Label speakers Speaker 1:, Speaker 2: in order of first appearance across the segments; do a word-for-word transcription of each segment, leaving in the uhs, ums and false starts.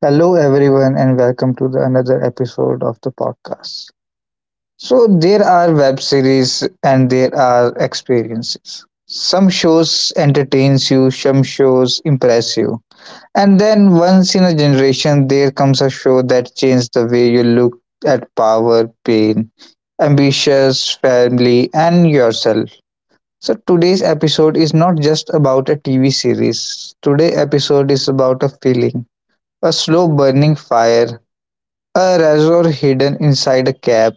Speaker 1: Hello everyone and welcome to the another episode of the podcast. So there are web series and there are experiences. Some shows entertains you, some shows impress you. And then once in a generation there comes a show that changes the way you look at power, pain, ambitious, family and yourself. So today's episode is not just about a T V series. Today episode is about a feeling, a slow burning fire, a razor hidden inside a cap,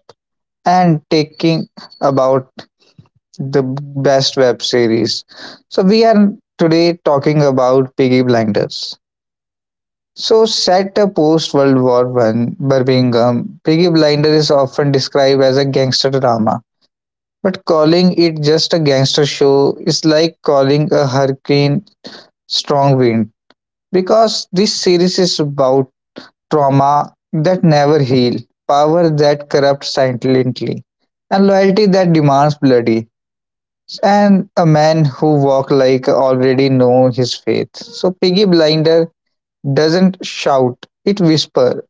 Speaker 1: and taking about the best web series. So we are today talking about Piggy Blinders. So set a post World War One Birmingham, Piggy Blinders is often described as a gangster drama. But calling it just a gangster show is like calling a hurricane strong wind, because this series is about trauma that never heal, power that corrupts silently, and loyalty that demands bloody, and a man who walk like already know his faith. So Piggy Blinder doesn't shout, it whisper,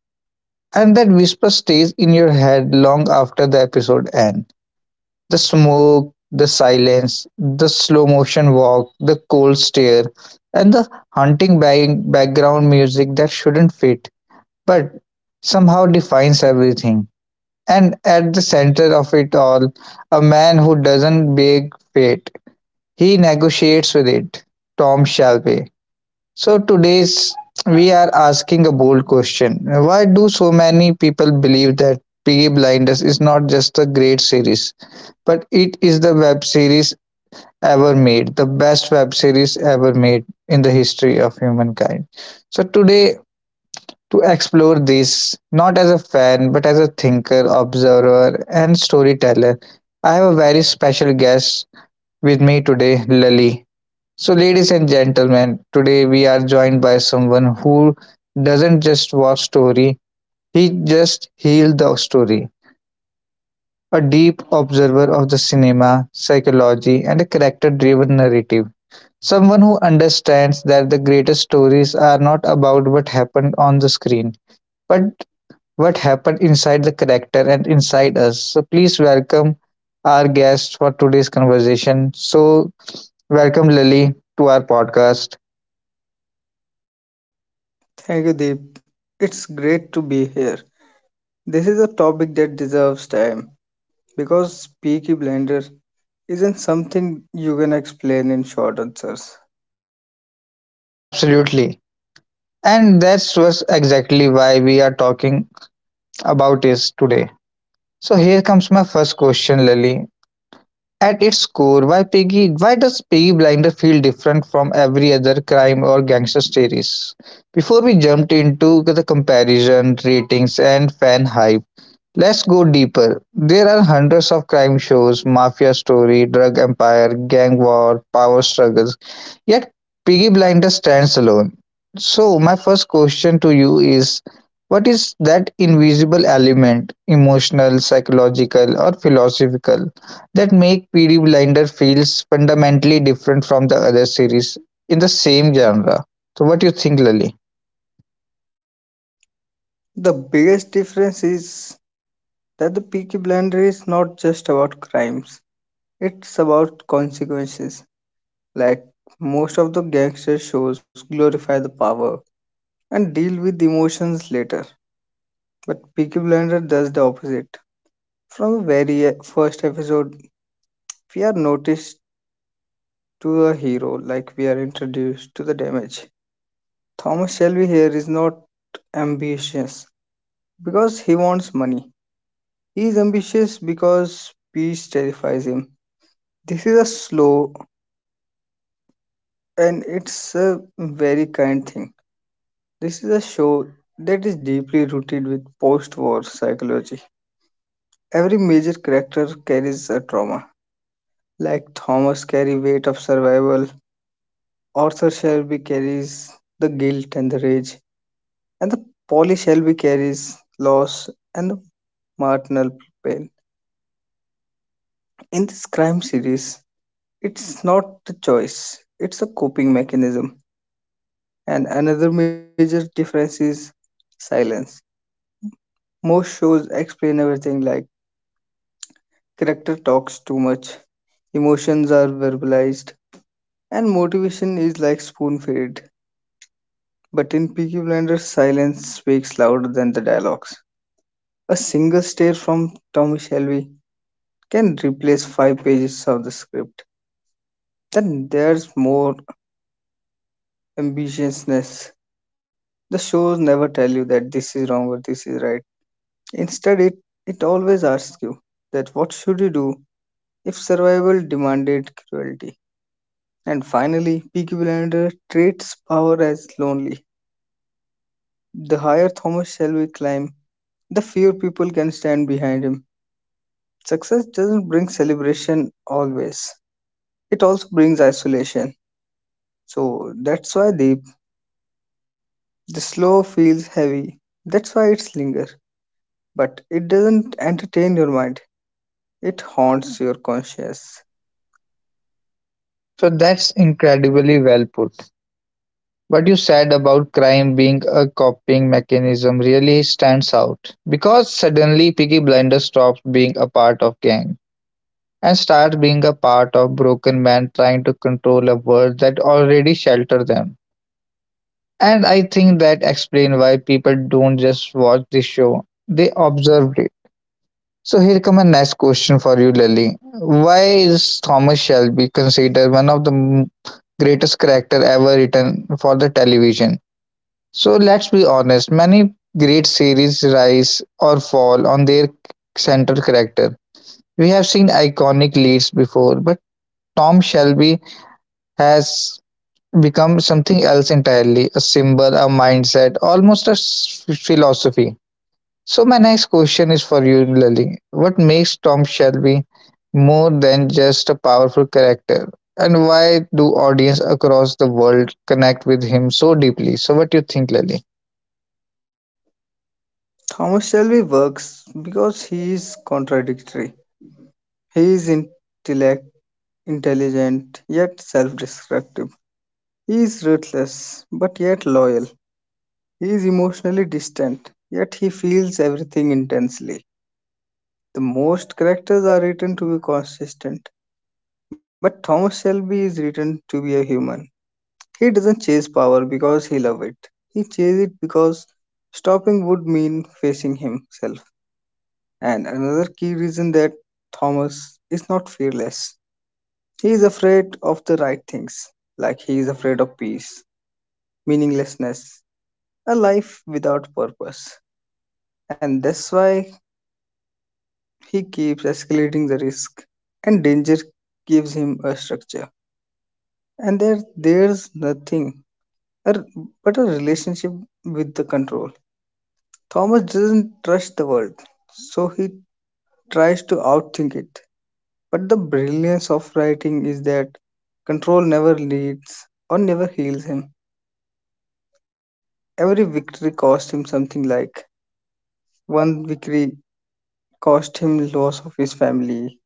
Speaker 1: and that whisper stays in your head long after the episode end. The smoke, the silence, the slow motion walk, the cold stare, and the haunting bang- background music that shouldn't fit but somehow defines everything. And at the center of it all, a man who doesn't beg fate, he negotiates with it. Tom Shelby. So today's we are asking a bold question. Why do so many people believe that Piggy Blinders is not just a great series, but it is the web series ever made, the best web series ever made in the history of humankind. So today to explore this, not as a fan, but as a thinker, observer, and storyteller. I have a very special guest with me today, Lali. So, ladies and gentlemen, today we are joined by someone who doesn't just watch story, he just heals the story. A deep observer of the cinema, psychology, and a character driven narrative. Someone who understands that the greatest stories are not about what happened on the screen, but what happened inside the character and inside us. So please welcome our guest for today's conversation. So welcome Lily to our podcast.
Speaker 2: Thank you, Deep. It's great to be here. This is a topic that deserves time because Peaky Blinders isn't something you can explain in short answers.
Speaker 1: Absolutely. And that's was exactly why we are talking about this today. So here comes my first question, Lily. At its core, why Piggy why does Piggy Blinder feel different from every other crime or gangster series? Before we jumped into the comparison, ratings and fan hype, let's go deeper. There are hundreds of crime shows, mafia story, drug empire, gang war, power struggles. Yet Peaky Blinders stands alone. So my first question to you is, what is that invisible element, emotional, psychological or philosophical, that make Peaky Blinder feels fundamentally different from the other series in the same genre? So what do you think, Lily?
Speaker 2: The biggest difference is that the Peaky Blinder is not just about crimes, it's about consequences. Like most of the gangster shows glorify the power and deal with emotions later, but Peaky Blinder does the opposite. From the very e- first episode, we are noticed to a hero like we are introduced to the damage. Thomas Shelby here is not ambitious because he wants money. He is ambitious because peace terrifies him. This is a slow and it's a very kind thing. This is a show that is deeply rooted with post war psychology. Every major character carries a trauma. Like Thomas carry weight of survival, Arthur Shelby carries the guilt and the rage, and the Polly Shelby carries loss and the marginal pain. In this crime series, it's not the choice, it's a coping mechanism. And another major difference is silence. Most shows explain everything like character talks too much, emotions are verbalized, and motivation is like spoon fed. But in Peaky Blinders, silence speaks louder than the dialogues. A single stare from Tommy Shelby can replace five pages of the script. Then there's more ambitiousness. The shows never tell you that this is wrong or this is right. Instead, it, it always asks you that what should you do if survival demanded cruelty. And finally, Peaky Blinders treats power as lonely. The higher Thomas Shelby climbs, the fewer people can stand behind him. Success doesn't bring celebration always. It also brings isolation. So that's why the The slow feels heavy. That's why it's linger. But it doesn't entertain your mind. It haunts your conscience.
Speaker 1: So that's incredibly well put. What you said about crime being a coping mechanism really stands out because suddenly Piggy Blinder stops being a part of gang and starts being a part of broken men trying to control a world that already shelter them. And I think that explains why people don't just watch the show; they observe it. So here come a nice question for you, Lily. Why is Thomas Shelby considered one of the m- greatest character ever written for the television? So let's be honest, many great series rise or fall on their central character. We have seen iconic leads before, but Tom Shelby has become something else entirely, a symbol, a mindset, almost a s- philosophy. So, my next question is for you, Lily. What makes Tom Shelby more than just a powerful character? And why do audience across the world connect with him so deeply? So, what do you think, Lily?
Speaker 2: Thomas Shelby works because he is contradictory. He is intellect, intelligent yet self-destructive. He is ruthless but yet loyal. He is emotionally distant yet he feels everything intensely. The most characters are written to be consistent, but Thomas Shelby is written to be a human. He doesn't chase power because he loves it. He chases it because stopping would mean facing himself. And another key reason that Thomas is not fearless. He is afraid of the right things, like he is afraid of peace, meaninglessness, a life without purpose. And that's why he keeps escalating the risk, and danger gives him a structure. And there, there's nothing er, but a relationship with the control. Thomas doesn't trust the world, so he tries to outthink it. But the brilliance of writing is that control never leads or never heals him. Every victory cost him something like one victory cost him loss of his family,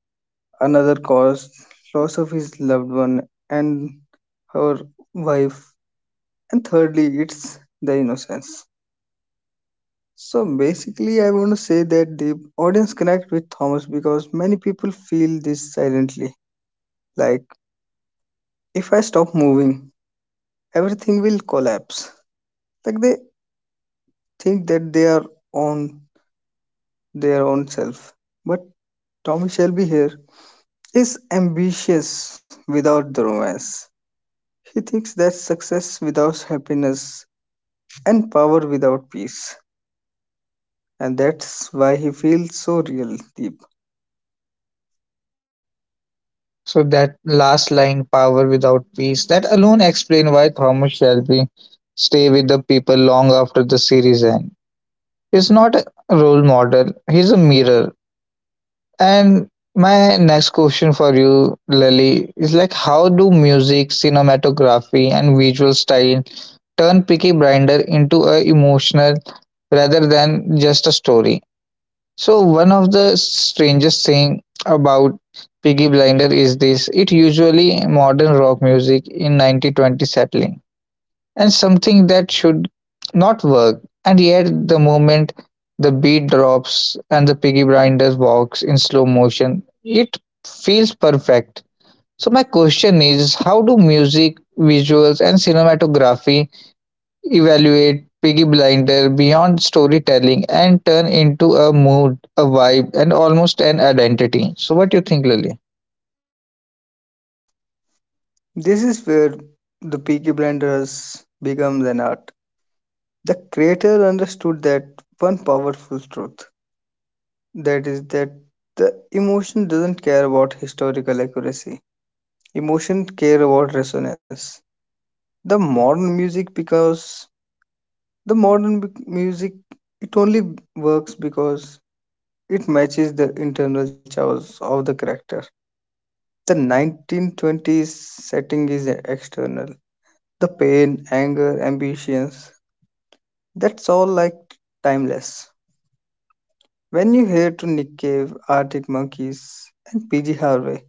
Speaker 2: another caused loss of his loved one and her wife, and thirdly, it's the innocence. So basically, I want to say that the audience connect with Thomas because many people feel this silently. Like, if I stop moving, everything will collapse. Like, they think that they are on their own self. But Thomas Shelby here is ambitious without the romance. He thinks that success without happiness and power without peace. And that's why he feels so real, Deep.
Speaker 1: So that last line, power without peace, that alone explain why Thomas Shelby stay with the people long after the series end. He's not a role model, he's a mirror. And my next question for you, Lily, is like, how do music, cinematography and visual style turn Peaky Blinder into a emotional rather than just a story? So one of the strangest thing about Piggy Blinder is this. It usually modern rock music in ninety twenty settling, and something that should not work. And yet the moment the beat drops and the Piggy Blinder walks in slow motion, it feels perfect. So my question is, how do music, visuals and cinematography evaluate Piggy Blinder beyond storytelling and turn into a mood, a vibe, and almost an identity. So, what do you think, Lily?
Speaker 2: This is where the Peaky Blinders becomes an art. The creator understood that one powerful truth that is, that the emotion doesn't care about historical accuracy, emotion care about resonance. The modern music, because the modern b- music, it only works because it matches the internal chaos of the character. The nineteen twenties setting is external. The pain, anger, ambitions, that's all like timeless. When you hear to Nick Cave, Arctic Monkeys, and PG Harvey,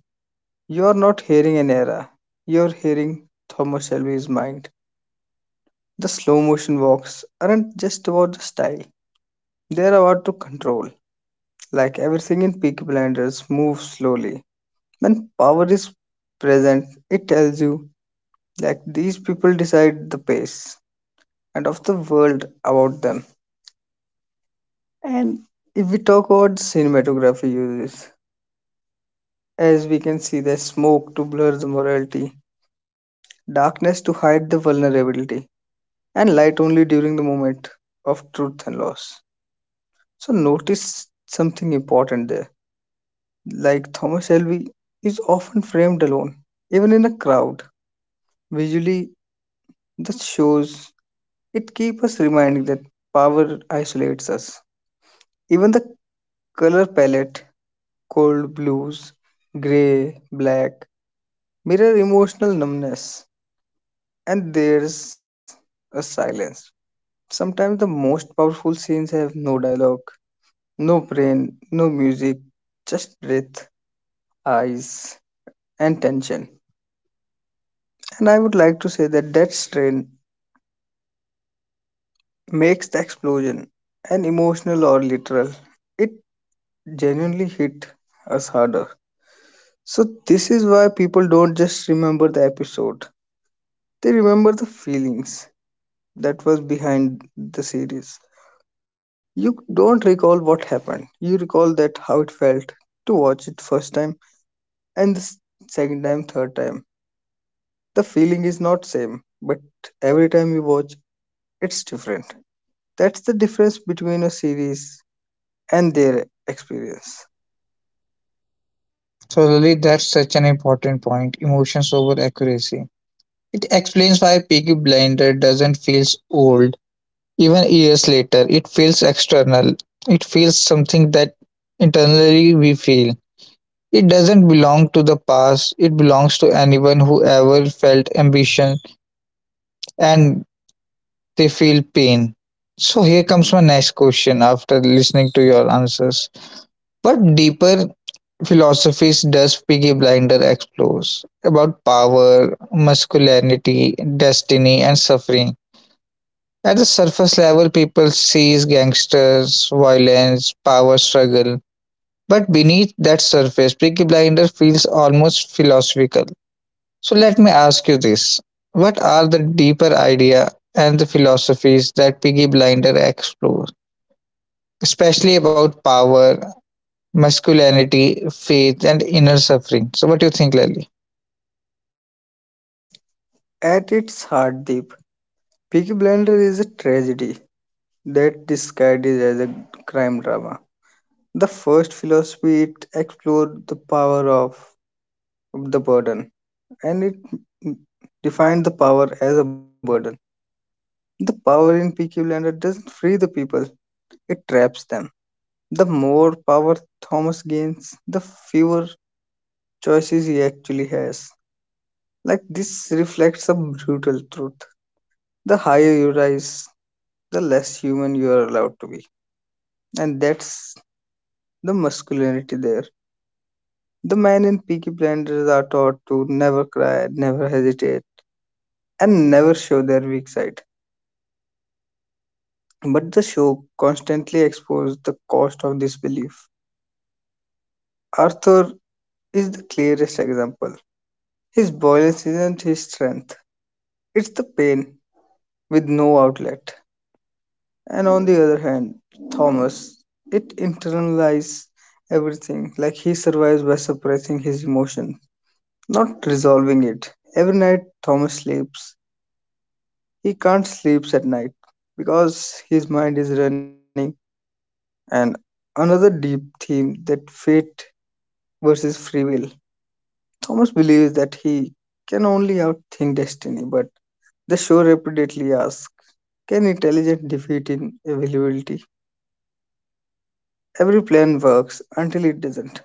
Speaker 2: you're not hearing an era. You're hearing Thomas Shelby's mind. The slow motion walks aren't just about the style, they're about to control. Like everything in Peaky Blinders moves slowly. When power is present, it tells you like these people decide the pace and of the world about them. And if we talk about cinematography uses, as we can see, there's smoke to blur the morality, darkness to hide the vulnerability, and light only during the moment of truth and loss. So, notice something important there. Like Thomas Shelby is often framed alone, even in a crowd. Visually, that shows it keeps us reminding that power isolates us. Even the color palette, cold blues, gray, black, mirror emotional numbness and there's a silence. Sometimes the most powerful scenes have no dialogue, no brain, no music, just breath, eyes, and tension. And I would like to say that that strain makes the explosion an emotional or literal. It genuinely hit us harder. So this is why people don't just remember the episode. They remember the feelings that was behind the series. You don't recall what happened. You recall that how it felt to watch it first time and the s- second time, third time. The feeling is not same, but every time you watch, it's different. That's the difference between a series and their experience.
Speaker 1: So, Lily, that's such an important point, emotions over accuracy. It explains why Piggy Blinder doesn't feel old. Even years later, it feels external. It feels something that internally we feel. It doesn't belong to the past, it belongs to anyone who ever felt ambition and they feel pain. So here comes my next question after listening to your answers. What deeper philosophies does Piggy Blinder explores about power, masculinity, destiny, and suffering? At the surface level, people sees gangsters, violence, power struggle. But beneath that surface, Piggy Blinder feels almost philosophical. So let me ask you this. What are the deeper idea and the philosophies that Piggy Blinder explores, especially about power, masculinity, faith, and inner suffering? So, what do you think, Lally?
Speaker 2: At its heart, Deep, Peaky Blender is a tragedy that disguises as a crime drama. The first philosophy it explored the power of the burden, and it defined the power as a burden. The power in Peaky Blinders doesn't free the people, it traps them. The more power Thomas gains, the fewer choices he actually has. Like this reflects a brutal truth. The higher you rise, the less human you are allowed to be. And that's the masculinity there. The men in Peaky Blinders are taught to never cry, never hesitate, and never show their weak side. But the show constantly exposes the cost of this belief. Arthur is the clearest example. His violence isn't his strength, it's the pain with no outlet. And on the other hand, Thomas, it internalizes everything, like he survives by suppressing his emotion, not resolving it. Every night, Thomas sleeps. He can't sleep at night because his mind is running. And another deep theme that fate versus free will. Thomas believes that he can only outthink destiny, but the show repeatedly asks, can intelligence defeat inevitability? Every plan works until it doesn't,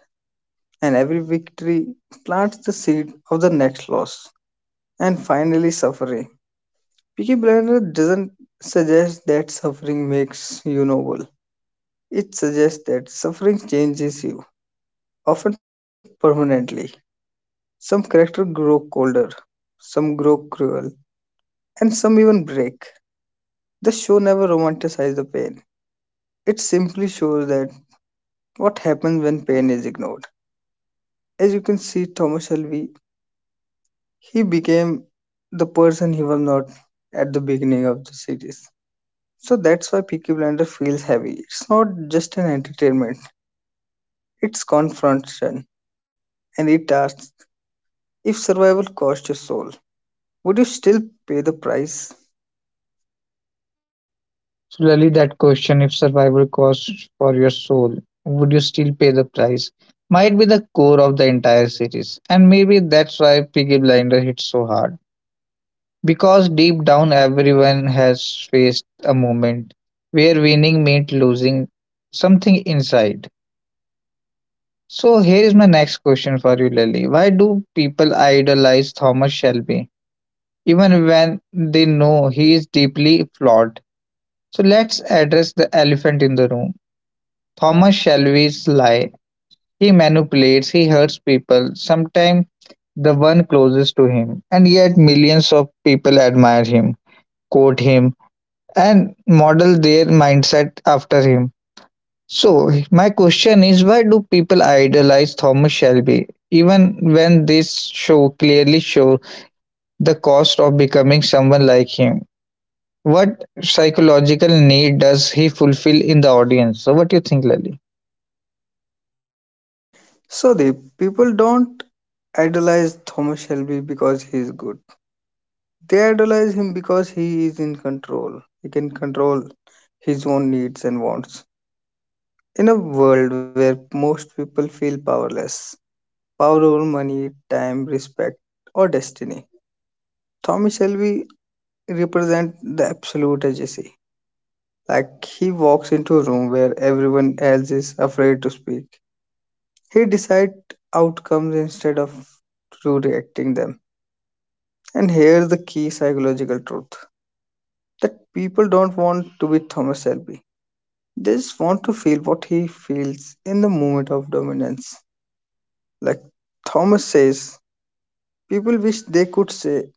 Speaker 2: and every victory plants the seed of the next loss, and finally suffering. Peaky Blinders doesn't suggest that suffering makes you noble. It suggests that suffering changes you, often permanently. Some characters grow colder, some grow cruel, and some even break. The show never romanticizes the pain. It simply shows that what happens when pain is ignored. As you can see, Thomas Shelby, he became the person he was not at the beginning of the series. So that's why Peaky Blinder feels heavy. It's not just an entertainment, it's confrontation. And it asks, if survival cost your soul, would you still pay the price?
Speaker 1: So, Lalit, that question, if survival costs for your soul, would you still pay the price, might be the core of the entire series. And maybe that's why Piggy Blinder hits so hard. Because deep down, everyone has faced a moment where winning meant losing something inside. So, here is my next question for you, Lily. Why do people idolize Thomas Shelby, even when they know he is deeply flawed? So let's address the elephant in the room. Thomas Shelby's lie. He manipulates, he hurts people, sometimes the one closest to him. And yet millions of people admire him, quote him, and model their mindset after him. So my question is, why do people idolize Thomas Shelby? Even when this show clearly shows the cost of becoming someone like him. What psychological need does he fulfill in the audience? So, what do you think, Lali?
Speaker 2: So the people don't idolize Thomas Shelby because he is good. They idolize him because he is in control. He can control his own needs and wants. In a world where most people feel powerless, power over money, time, respect, or destiny, Tommy Shelby represents the absolute agency. Like he walks into a room where everyone else is afraid to speak. He decides outcomes instead of to reacting them. And here's the key psychological truth that people don't want to be Thomas Shelby. These want to feel what he feels in the moment of dominance. Like Thomas says, people wish they could say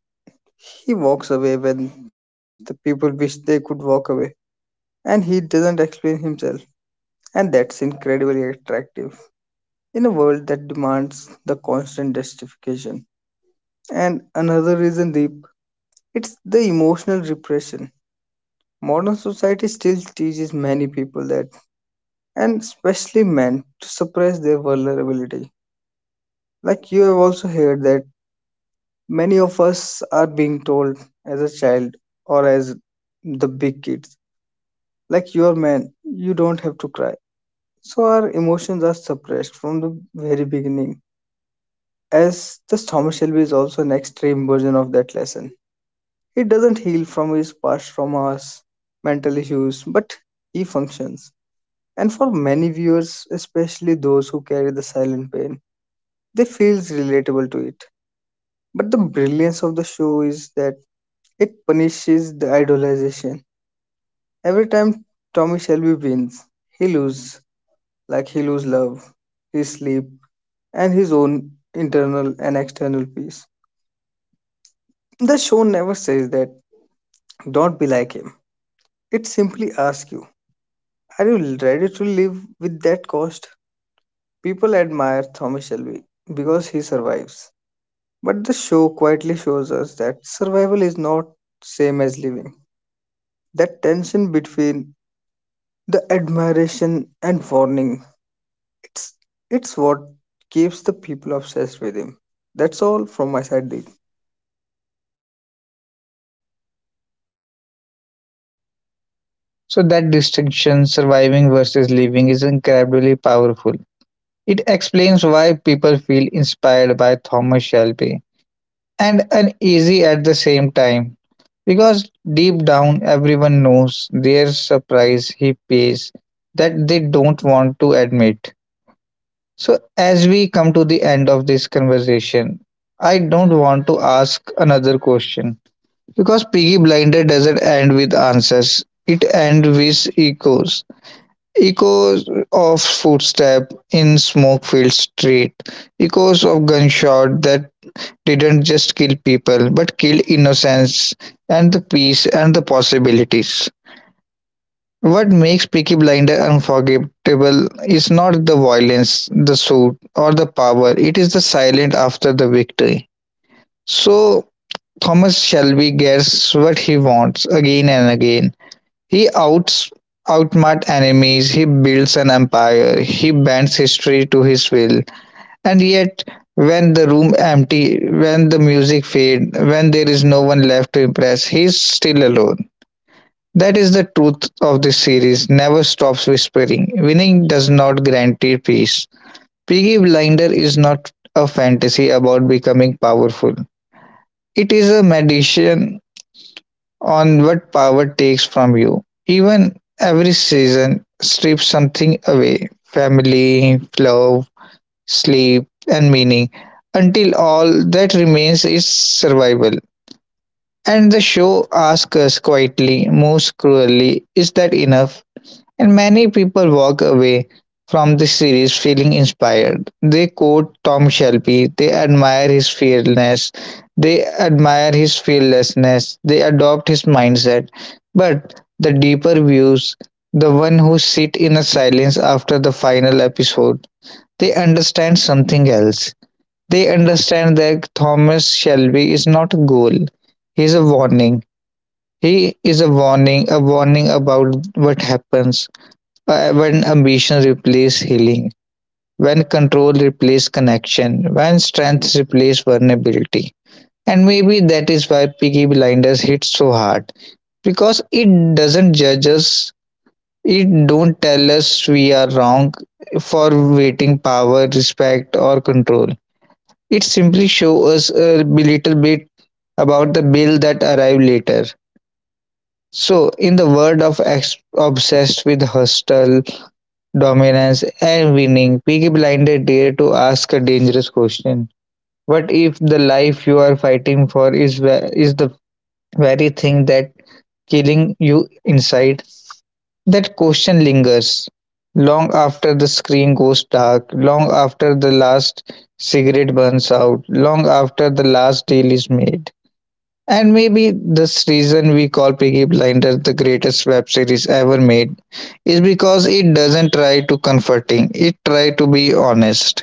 Speaker 2: he walks away when the people wish they could walk away, and he doesn't explain himself, and that's incredibly attractive in a world that demands the constant justification. And another reason, Deep, it's the emotional repression. Modern society still teaches many people that, and especially men, to suppress their vulnerability. Like you have also heard that many of us are being told as a child or as the big kids, like you are man, you don't have to cry. So our emotions are suppressed from the very beginning. As this Thomas Shelby is also an extreme version of that lesson. He doesn't heal from his past traumas, mental issues, but he functions. And for many viewers, especially those who carry the silent pain, they feels relatable to it. But the brilliance of the show is that it punishes the idolization. Every time Tommy Shelby wins, he loses, like he loses love, his sleep, and his own internal and external peace. The show never says that, don't be like him. It simply asks you, are you ready to live with that cost? People admire Tommy Shelby because he survives. But the show quietly shows us that survival is not same as living. That tension between the admiration and warning, It's it's what keeps the people obsessed with him. That's all from my side, Deep.
Speaker 1: So, that distinction, surviving versus living, is incredibly powerful. It explains why people feel inspired by Thomas Shelby and uneasy at the same time. Because deep down, everyone knows their surprise he pays that they don't want to admit. So, as we come to the end of this conversation, I don't want to ask another question, because Piggy Blinded doesn't end with answers, it ends with echoes. Echoes of footsteps in smoke filled street, echoes of gunshot that didn't just kill people but killed innocence and the peace and the possibilities. What makes Peaky Blinder unforgettable is not the violence, the suit, or the power, it is the silence after the victory. So, Thomas Shelby gets what he wants again and again. He outs outsmarts enemies, he builds an empire, he bends history to his will. And yet when the room empty, when the music fade, when there is no one left to impress, he is still alone. That is the truth of this series, never stops whispering. Winning does not guarantee peace. Piggy Blinder is not a fantasy about becoming powerful. It is a meditation on what power takes from you. Even every season strips something away, family, love, sleep, and meaning, until all that remains is survival. And the show asks us quietly, most cruelly, is that enough? And many people walk away from the series feeling inspired. They quote Tom Shelby, they admire his fearlessness, they admire his fearlessness, they adopt his mindset. But the deeper views, the one who sit in a silence after the final episode, they understand something else. They understand that Thomas Shelby is not a goal. He is a warning. He is a warning, a warning about what happens uh, when ambition replaces healing, when control replaces connection, when strength replaces vulnerability. And maybe that is why Piggy Blinders hits so hard, because it doesn't judge us, it don't tell us we are wrong for waiting power, respect, or control. It simply shows us a little bit about the bill that arrive later. So, in the world of ex- obsessed with hustle, dominance, and winning, Peaky Blinder dare to ask a dangerous question. What if the life you are fighting for is ve- is the very thing that killing you inside? That question lingers long after the screen goes dark, long after the last cigarette burns out, long after the last deal is made. And maybe this reason we call Piggy Blinders the greatest web series ever made is because it doesn't try to comforting. It try to be honest.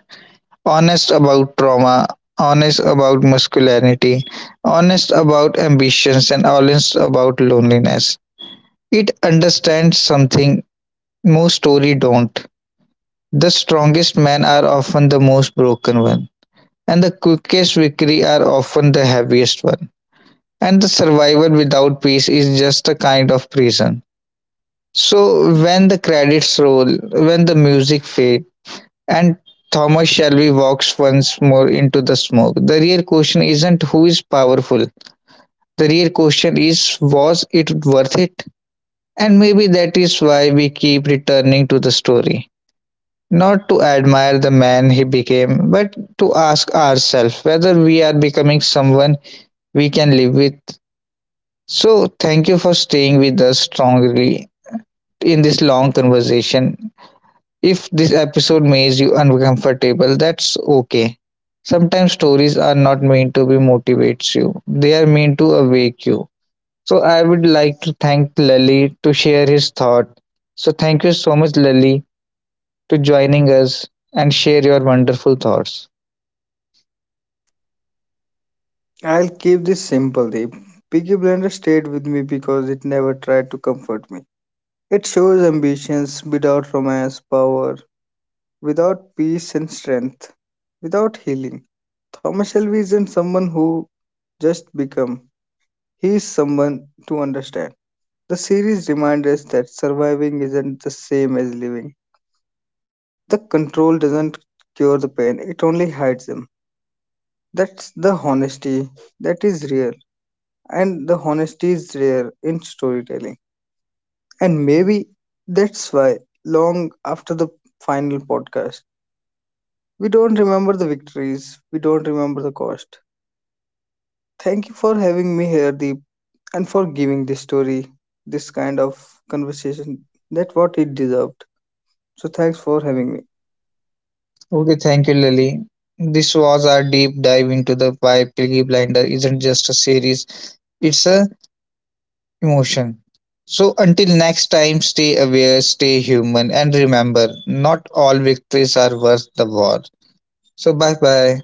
Speaker 1: Honest about trauma, honest about masculinity, honest about ambitions and honest about loneliness. It understands something most story don't. The strongest men are often the most broken one, and the quickest victory are often the heaviest one, and the survival without peace is just a kind of prison. So when the credits roll, when the music fades, and Thomas Shelby walks once more into the smoke, the real question isn't who is powerful. The real question is, was it worth it? And maybe that is why we keep returning to the story. Not to admire the man he became, but to ask ourselves whether we are becoming someone we can live with. So, thank you for staying with us strongly in this long conversation. If this episode makes you uncomfortable, that's okay. Sometimes stories are not meant to be motivates you. They are meant to awake you. So I would like to thank Lali to share his thought. So thank you so much, Lali, to joining us and share your wonderful thoughts.
Speaker 2: I'll keep this simple, Deep. Peaky Blender stayed with me because it never tried to comfort me. It shows ambitions without romance, power, without peace and strength, without healing. Thomas Shelby isn't someone who just become. He is someone to understand. The series reminds us that surviving isn't the same as living. The control doesn't cure the pain, it only hides them. That's the honesty that is real, and the honesty is rare in storytelling. And maybe that's why, long after the final podcast, we don't remember the victories, we don't remember the cost. Thank you for having me here, Deep, and for giving this story, this kind of conversation that what it deserved. So, thanks for having me.
Speaker 1: Okay, thank you Lali. This was our deep dive into the why Peaky Blinder isn't just a series. It's a emotion. So until next time, stay aware, stay human, and remember, not all victories are worth the war. So bye bye.